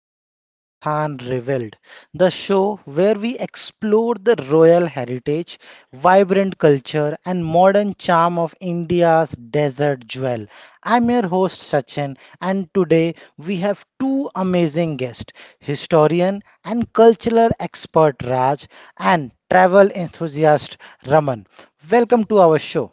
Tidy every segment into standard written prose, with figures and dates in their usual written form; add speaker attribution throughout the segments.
Speaker 1: to Rajasthan Revealed, the show where we explore the royal heritage, vibrant culture, and modern charm of India's desert jewel. I'm your host, Sachin, and today we have two amazing guests historian and cultural expert Raj, and travel enthusiast Raman. Welcome to our show.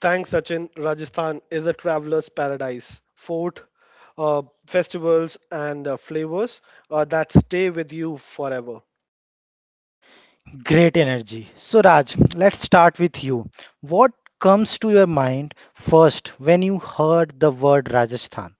Speaker 2: Thanks, Sachin. Rajasthan is a traveler's paradise. Festivals, and flavors that stay with you forever.
Speaker 1: Great energy. So, Raj, let's start with you. What comes to your mind first when you heard the word Rajasthan?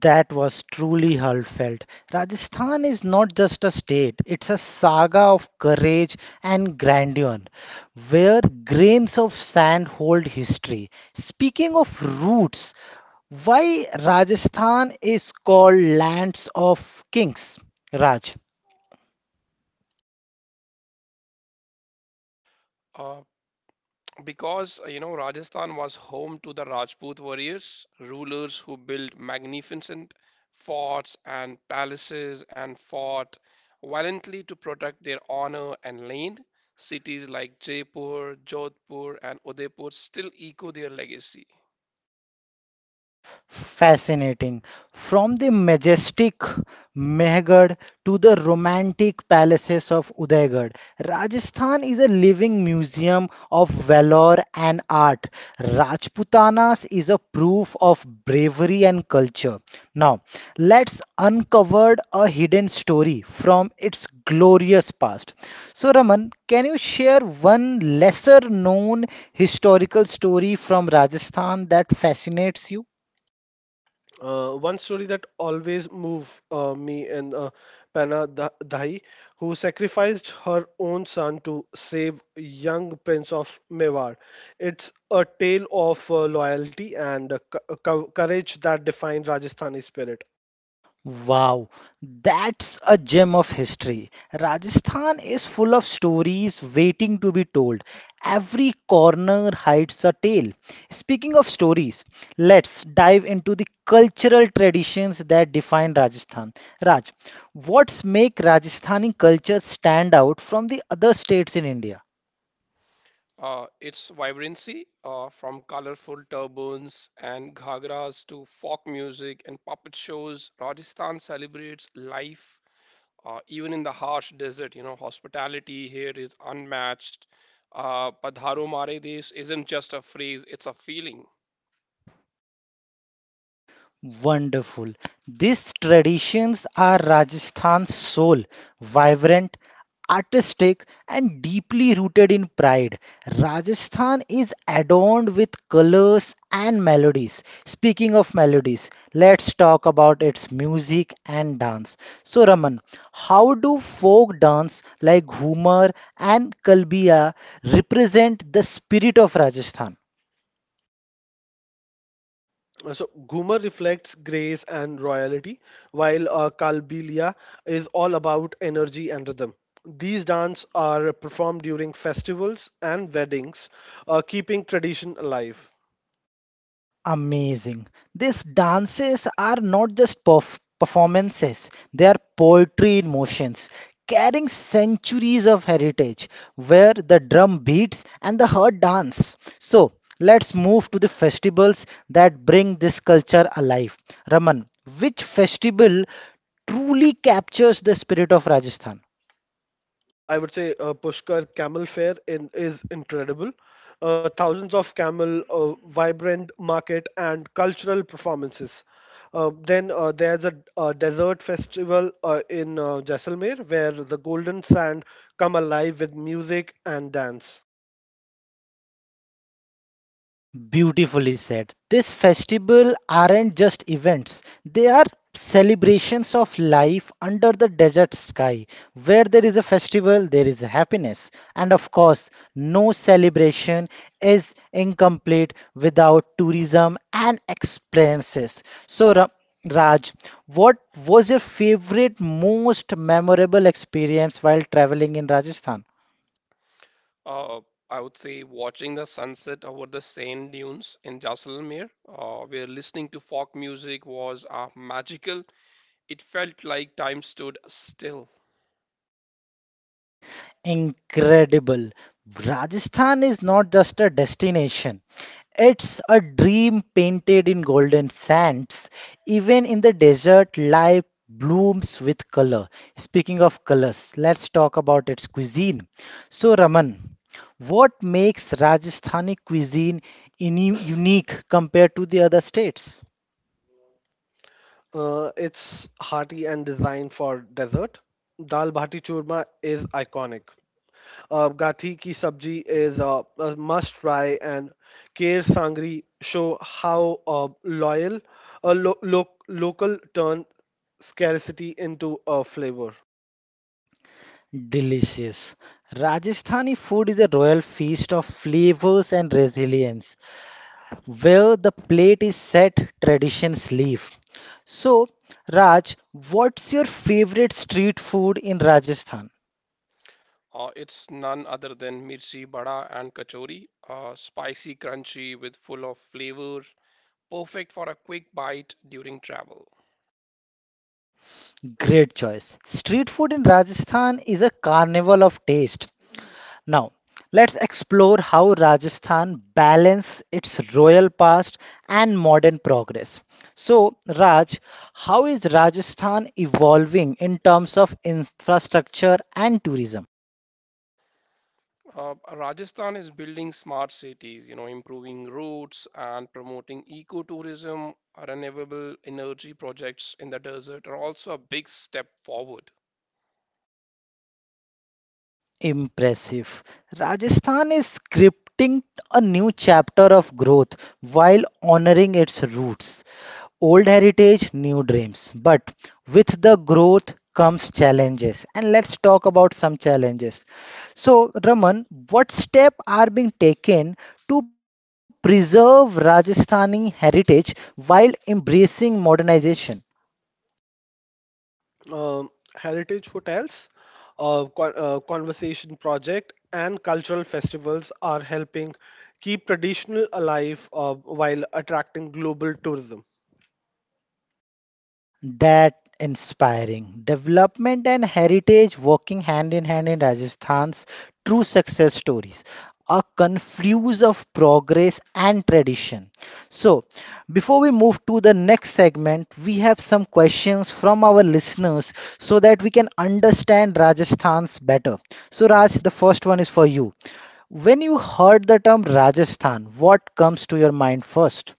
Speaker 1: That was truly heartfelt. Rajasthan is not just a state, it's a saga of courage and grandeur, where grains of sand hold history. Speaking of roots, why Rajasthan is called lands of kings, Raj? Fascinating. From the majestic Mehgarh to the romantic palaces of Udaigad, Rajasthan is a living museum of valor and art. Rajputanas is a proof of bravery and culture. Now, let's uncover a hidden story from its glorious past. So, Raman, can you share one lesser known historical story from Rajasthan that fascinates you?
Speaker 2: One story that always moved me and Pana Dahi, who sacrificed her own son to save young Prince of Mewar. It's a tale of loyalty and courage that defined Rajasthani spirit.
Speaker 1: Wow, that's a gem of history. Rajasthan is full of stories waiting to be told. Every corner hides a tale. Speaking of stories, let's dive into the cultural traditions that define Rajasthan. Raj, what's make Rajasthani culture stand out from the other states in India? Wonderful. These traditions are Rajasthan's soul, vibrant, artistic, and deeply rooted in pride. Rajasthan is adorned with colors and melodies. Speaking of melodies, let's talk about its music and dance. So, Raman, how do folk dance like Ghumar and Kalbiya represent the spirit of Rajasthan?
Speaker 2: So Goomer reflects grace and royalty, while Kalbilia is all about energy and rhythm. These dances are performed during festivals and weddings, keeping tradition alive.
Speaker 1: Amazing. These dances are not just performances, they are poetry in motions, carrying centuries of heritage, where the drum beats and the heart dance. So, let's move to the festivals that bring this culture alive. Raman, which festival truly captures the spirit of Rajasthan?
Speaker 2: I would say Pushkar camel fair in is incredible. Thousands of camel, vibrant market, and cultural performances. Then there's a desert festival in Jaisalmer where the golden sand come alive with music and dance.
Speaker 1: Beautifully said. This festival aren't just events, they are celebrations of life under the desert sky. Where there is a festival, there is happiness. And of course, no celebration is incomplete without tourism and experiences. So, Raj, what was your favorite, most memorable experience while traveling in Rajasthan? Incredible. Rajasthan is not just a destination. It's a dream painted in golden sands. Even in the desert, life blooms with color. Speaking of colors, let's talk about its cuisine. So, Raman, what makes Rajasthani cuisine unique compared to the other states?
Speaker 2: It's hearty and designed for desert. Dal bhati churma is iconic. Gathi ki sabji is a must try, and Kher Sangri show how loyal a local turn scarcity into a flavor.
Speaker 1: Delicious. Rajasthani food is a royal feast of flavors and resilience. Where the plate is set, traditions live. So, Raj, what's your favorite street food in Rajasthan? Great choice. Street food in Rajasthan is a carnival of taste. Now, let's explore how Rajasthan balances its royal past and modern progress. So, Raj, how is Rajasthan evolving in terms of infrastructure and tourism? Impressive. Rajasthan is scripting a new chapter of growth while honoring its roots. Old heritage, new dreams. But with the growth comes challenges. And let's talk about some challenges. So, Raman, what steps are being taken to preserve Rajasthani heritage while embracing modernization?
Speaker 2: Um, Heritage hotels, conversation project, and cultural festivals are helping keep traditional alive while attracting global tourism.
Speaker 1: That inspiring. Development and heritage working hand in hand in Rajasthan's true success stories. A confuse of progress and tradition. So, before we move to the next segment, we have some questions from our listeners so that we can understand Rajasthan's better. So, Raj, the first one is for you. When you heard the term Rajasthan, what comes to your mind first?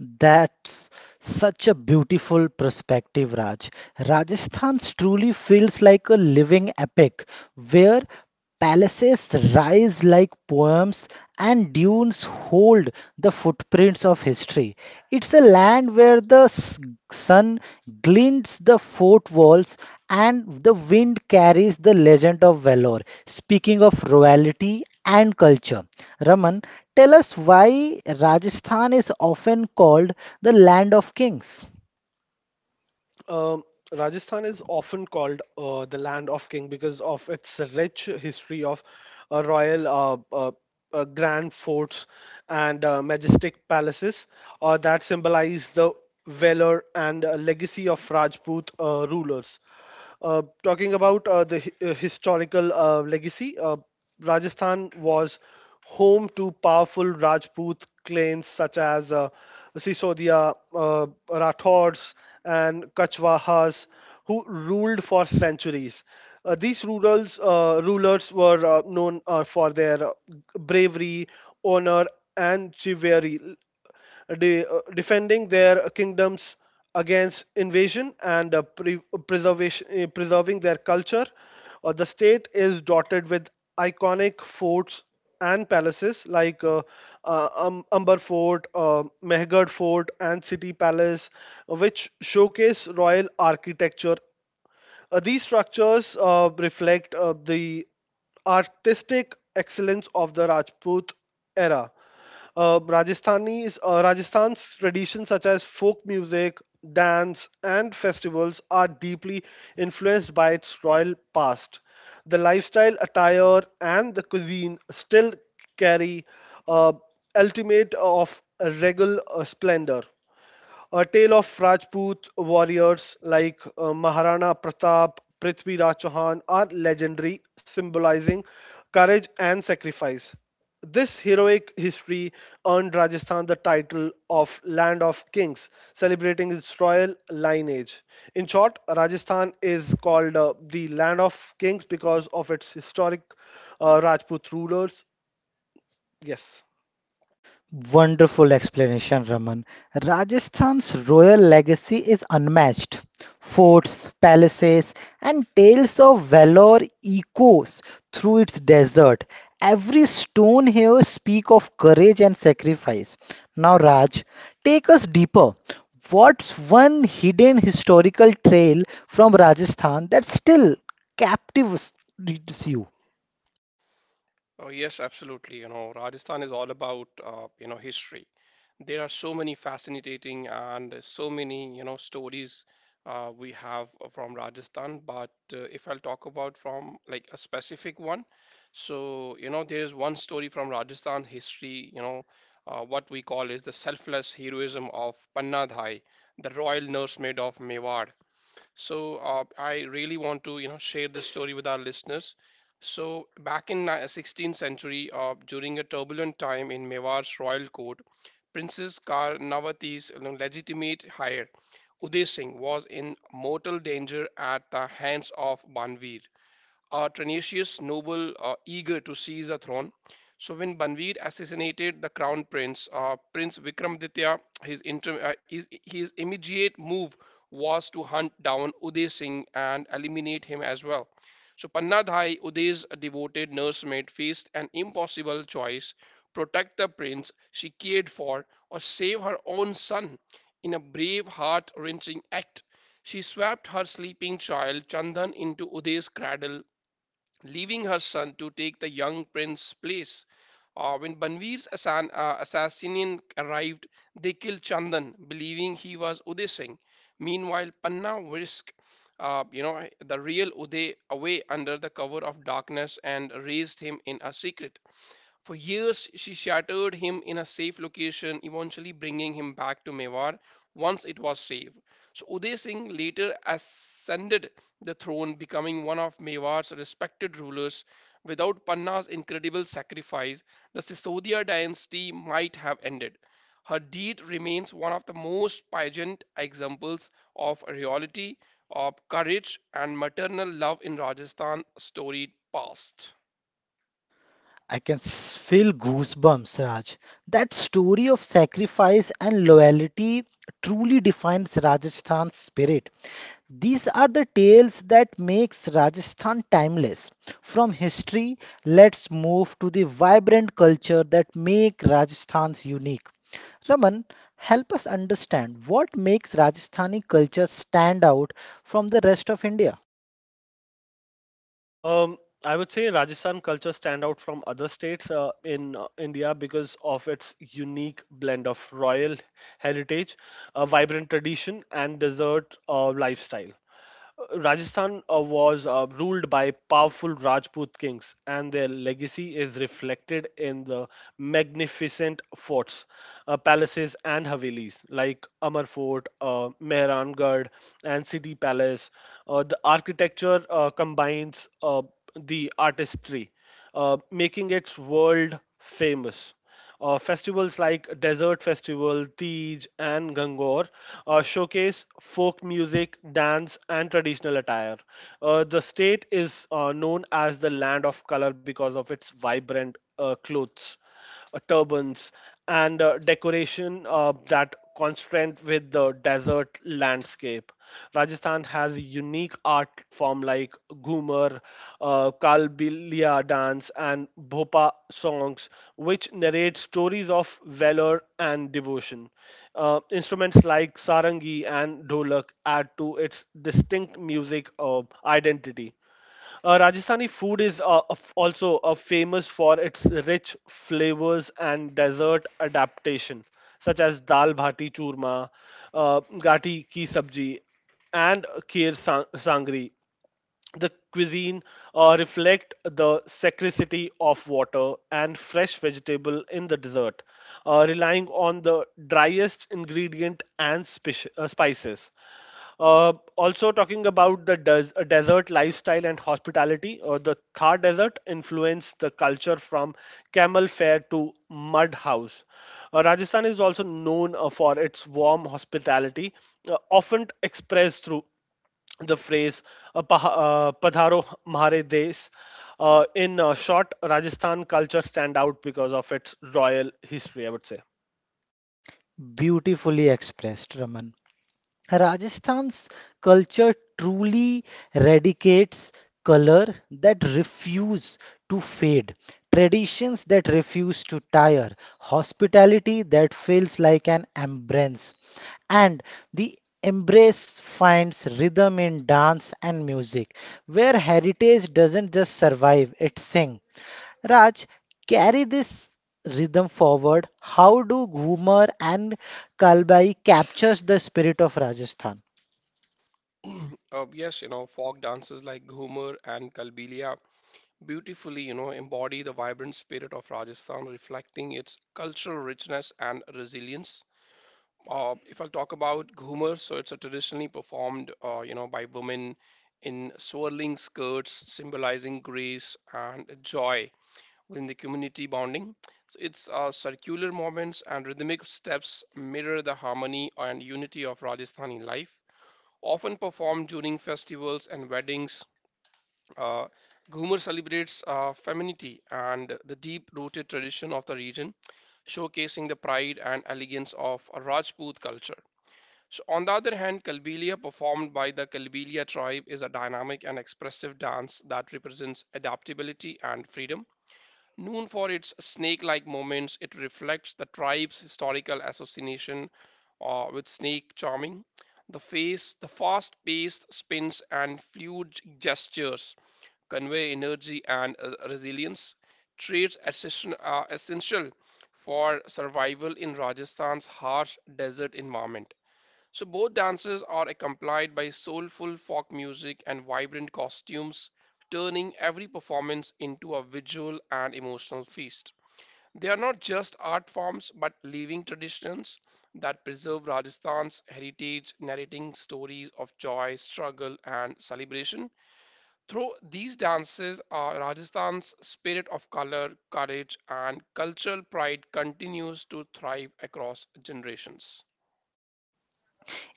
Speaker 1: That's such a beautiful perspective, Raj. Rajasthan truly feels like a living epic where palaces rise like poems and dunes hold the footprints of history. It's a land where the sun glints the fort walls and the wind carries the legend of valor. Speaking of royalty and culture, Raman, tell us why Rajasthan is often called the land of kings.
Speaker 2: Um, Rajasthan is often called the land of king because of its rich history of royal grand forts and majestic palaces that symbolize the valor and legacy of Rajput rulers. Talking about historical legacy, Rajasthan was home to powerful Rajput clans such as Sisodia, Rathors, and Kachwahas, who ruled for centuries. These rulers were known for their bravery, honor, and chivalry defending their kingdoms against invasion and preservation, preserving their culture. The state is dotted with iconic forts and palaces like Umber Fort, Mehgad Fort, and City Palace, which showcase royal architecture. These structures reflect the artistic excellence of the Rajput era. Rajasthan's traditions such as folk music, dance, and festivals are deeply influenced by its royal past. The lifestyle, attire, and the cuisine still carry uh, ultimate of regal splendor. A tale of Rajput warriors like Maharana Pratap, Prithvi Raj Chauhan are legendary, symbolizing courage and sacrifice. This heroic history earned Rajasthan the title of Land of Kings, celebrating its royal lineage. In short, Rajasthan is called the Land of Kings because of its historic Rajput rulers. Yes.
Speaker 1: Wonderful explanation, Raman. Rajasthan's royal legacy is unmatched. Forts, palaces, and tales of valor echoes through its desert. Every stone here speak of courage and sacrifice. Now, Raj, take us deeper. What's one hidden historical trail from Rajasthan that still captivates you? I can feel goosebumps, Raj. That story of sacrifice and loyalty truly defines Rajasthan's spirit. These are the tales that makes Rajasthan timeless. From history, let's move to the vibrant culture that make Rajasthan's unique. Raman, help us understand what makes Rajasthani culture stand out from the rest of India.
Speaker 2: Um, I would say Rajasthan culture stand out from other states in India because of its unique blend of royal heritage, a vibrant tradition, and desert lifestyle. Rajasthan was ruled by powerful Rajput kings, and their legacy is reflected in the magnificent forts, palaces, and havelis like Amar Fort, Mehrangarh, and City Palace. The architecture combines the artistry, making it world famous. Festivals like Desert Festival, Tej, and Gangor showcase folk music, dance, and traditional attire. The state is known as the land of color because of its vibrant clothes, turbans, and decoration that contrast with the desert landscape. Rajasthan has a unique art form like Ghumar, Kalbilia dance, and Bhopa songs, which narrate stories of valor and devotion. Instruments like sarangi and dholak add to its distinct music identity. Rajasthani food is also famous for its rich flavors and dessert adaptation, such as dal bhati churma, uh, gati ki sabji, and kheer sangri. The cuisine reflect the scarcity of water and fresh vegetable in the desert, relying on the driest ingredient and spices. Also, talking about the desert lifestyle and hospitality, or the Thar Desert influenced the culture from camel fair to mud house. Rajasthan is also known for its warm hospitality, often expressed through the phrase "Padharo Mhare Des." In short, Rajasthan culture stand out because of its royal history, I would say.
Speaker 1: Beautifully expressed, Raman. Rajasthan's culture truly radicates color that refuse to fade, traditions that refuse to tire, hospitality that feels like an embrace. And the embrace finds rhythm in dance and music, where heritage doesn't just survive, it sings. Raj, carry this rhythm forward. How do Ghumar and Kalbai captures the spirit of Rajasthan?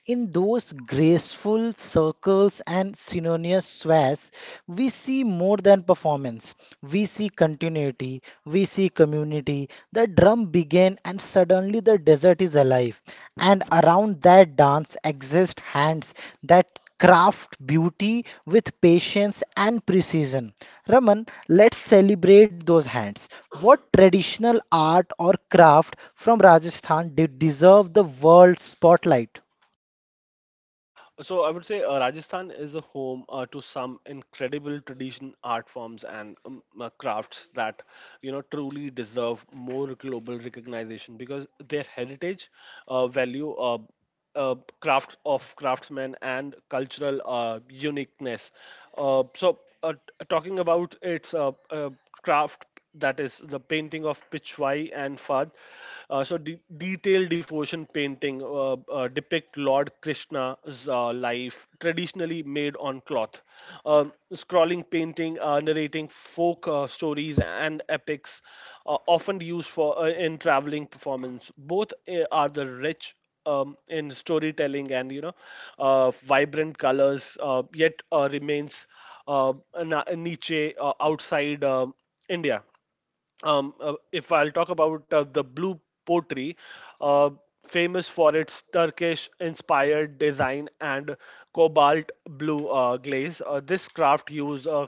Speaker 1: In those graceful circles and synonymous sways, we see more than performance. We see continuity, we see community. The drum began, and suddenly the desert is alive. And around that dance exist hands that craft beauty with patience and precision. Raman, let's celebrate those hands. What traditional art or craft from Rajasthan did deserve the world spotlight?
Speaker 2: So I would say Rajasthan is a home to some incredible tradition, art forms, and crafts that truly deserve more global recognition because their heritage, value, crafts of craftsmen, and cultural uniqueness. Talking about its craft that is the painting of Pichwai and Fad. Detailed devotion painting depict Lord Krishna's life, traditionally made on cloth. Scrolling painting narrating folk stories and epics, often used for in traveling performance. Both are the rich. In storytelling and vibrant colors yet remains a niche outside india. If I'll talk about the blue pottery, uh, famous for its Turkish-inspired design and cobalt blue glaze, this craft uses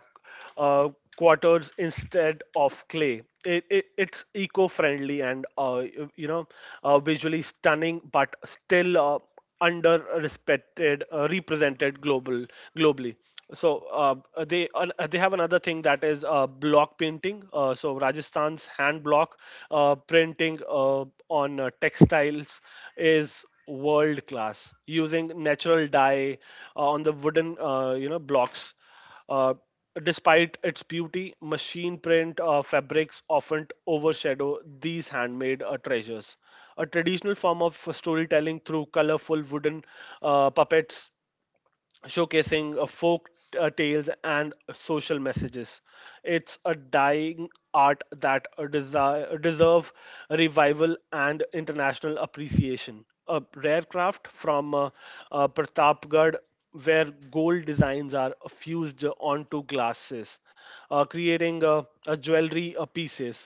Speaker 2: uh, quarters instead of clay. It's eco-friendly and visually stunning, but still under respected represented globally. So they have another thing that is block painting. Rajasthan's hand block printing on textiles is world class using natural dye on the wooden blocks. uh, Despite its beauty, machine print fabrics often overshadow these handmade treasures. A traditional form of storytelling through colorful wooden puppets showcasing folk tales and social messages. It's a dying art that desi- deserve revival and international appreciation. A rare craft from Pratapgarh where gold designs are fused onto glasses, creating a jewelry pieces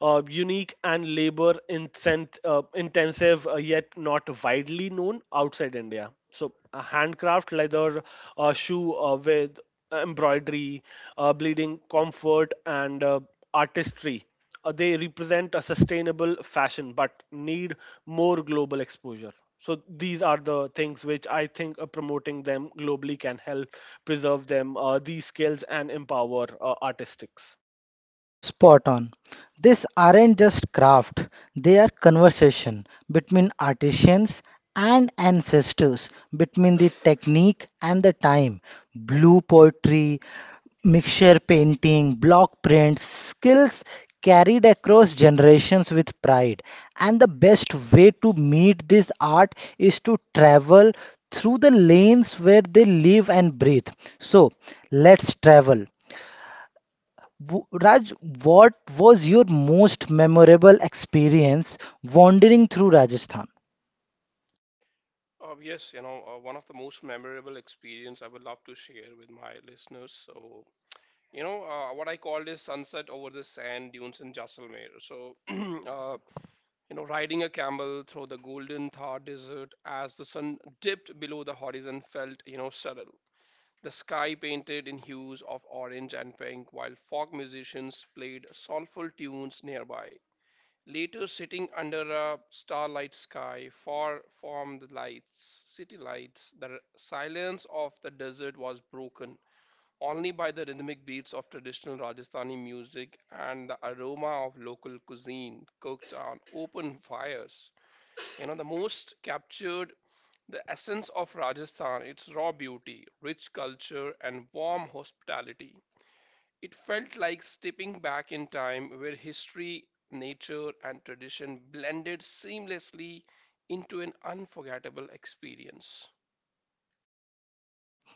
Speaker 2: unique and labor intensive yet not widely known outside India. So, a handcraft leather shoe with embroidery, bleeding comfort, and artistry. They represent a sustainable fashion but need more global exposure. So, these are the things which I think promoting them globally can help preserve them, these skills, and empower artistics.
Speaker 1: Spot on. These aren't just craft, they are conversation between artisans and ancestors, between the technique and the time. Blue poetry, mixture painting, block prints, skills carried across generations with pride. And the best way to meet this art is to travel through the lanes where they live and breathe. So, let's travel Raj, what was your most memorable experience wandering through Rajasthan?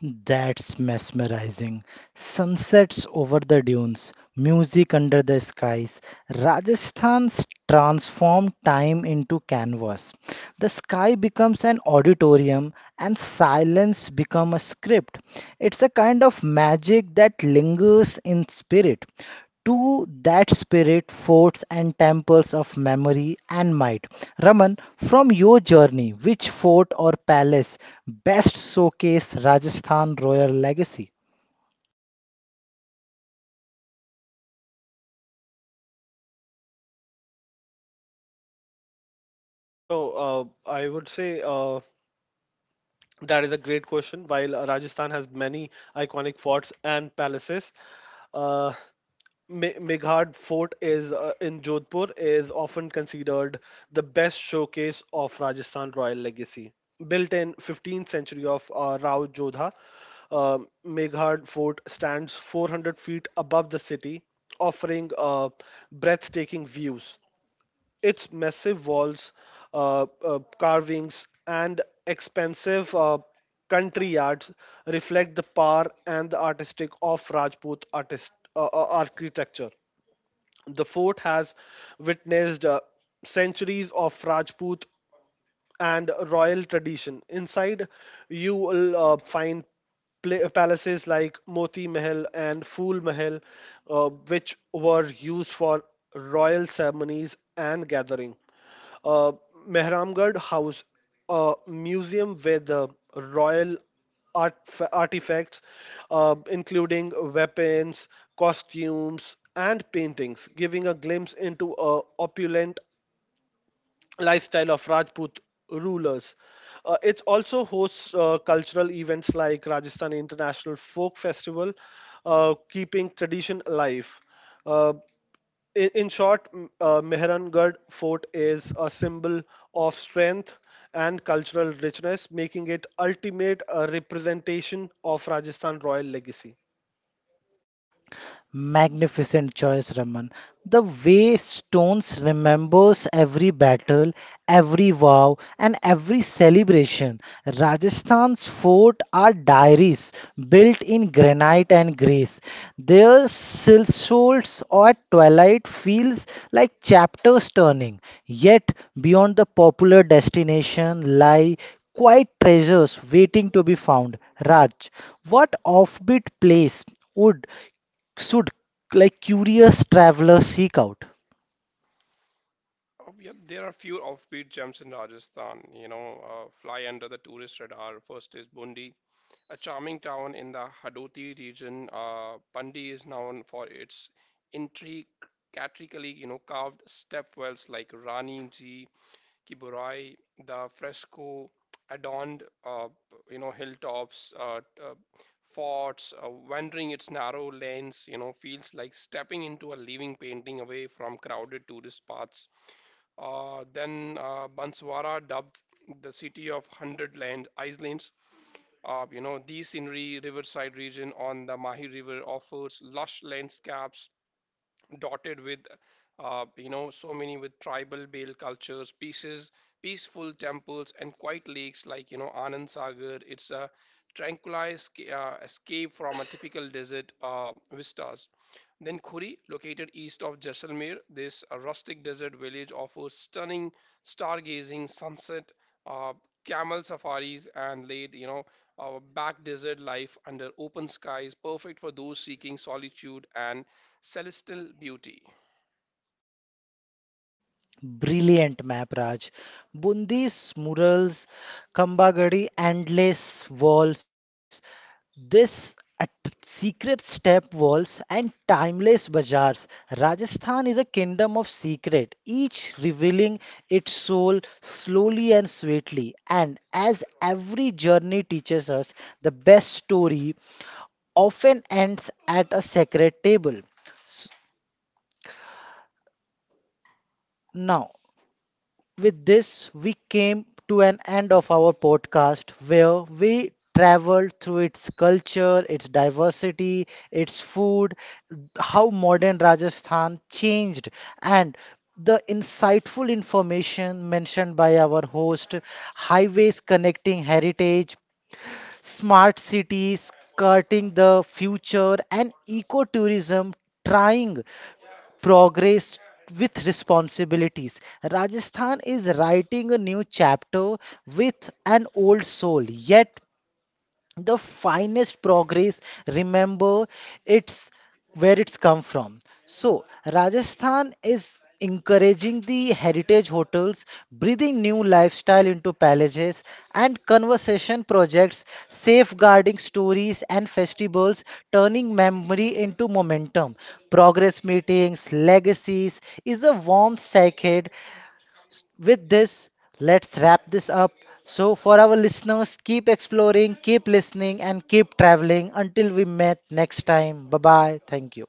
Speaker 1: That's mesmerizing. Sunsets over the dunes, music under the skies. Rajasthan's transformed time into canvas. The sky becomes an auditorium and silence becomes a script. It's a kind of magic that lingers in spirit. To that spirit, forts and temples of memory and might. Raman, from your journey, which fort or palace best showcase Rajasthan royal legacy.
Speaker 2: So, I would say that is a great question. While Rajasthan has many iconic forts and palaces, uh, Meghad Fort is in Jodhpur is often considered the best showcase of Rajasthan royal legacy. Built in 15th century of Rao Jodha, uh, Meghad Fort stands 400 feet above the city, offering breathtaking views. Its massive walls, carvings, and expensive country yards reflect the power and the artistic of Rajput artist architecture. The fort has witnessed centuries of Rajput and royal tradition. Inside, you will find palaces like Moti Mahal and Phul Mahal, which were used for royal ceremonies and gathering. Uh, Mehramgarh House, a museum with royal art- artifacts, including weapons, costumes, and paintings, giving a glimpse into a opulent lifestyle of Rajput rulers. It also hosts cultural events like Rajasthan International Folk Festival, keeping tradition alive. Uh, in short, Mehrangarh Fort is a symbol of strength and cultural richness, making it ultimate representation of Rajasthan royal legacy.
Speaker 1: Magnificent choice, Raman. The way stones remembers every battle, every vow, and every celebration. Rajasthan's fort are diaries built in granite and grace. Their silk souls at twilight feels like chapters turning. Yet beyond the popular destination lie quiet treasures waiting to be found. Raj, what offbeat place would should like curious travelers seek out. Brilliant map, Raj. Bundi's murals, Kambagadi endless walls, this secret step walls and timeless bazaars. Rajasthan is a kingdom of secret, each revealing its soul slowly and sweetly. And as every journey teaches us, the best story often ends at a sacred table. Now, with this, we came to an end of our podcast where we traveled through its culture, its diversity, its food, how modern Rajasthan changed, and the insightful information mentioned by our host highways connecting heritage smart cities, skirting the future, and ecotourism trying progress with responsibilities. Rajasthan is writing a new chapter with an old soul, yet the finest progress remember it's where it's come from so rajasthan is encouraging the heritage hotels breathing new lifestyle into palaces and conversation projects safeguarding stories and festivals turning memory into momentum progress meetings legacies is a warm sacred With this, let's wrap this up. So, for our listeners, keep exploring, keep listening, and keep traveling. Until we met next time. Bye bye. Thank you.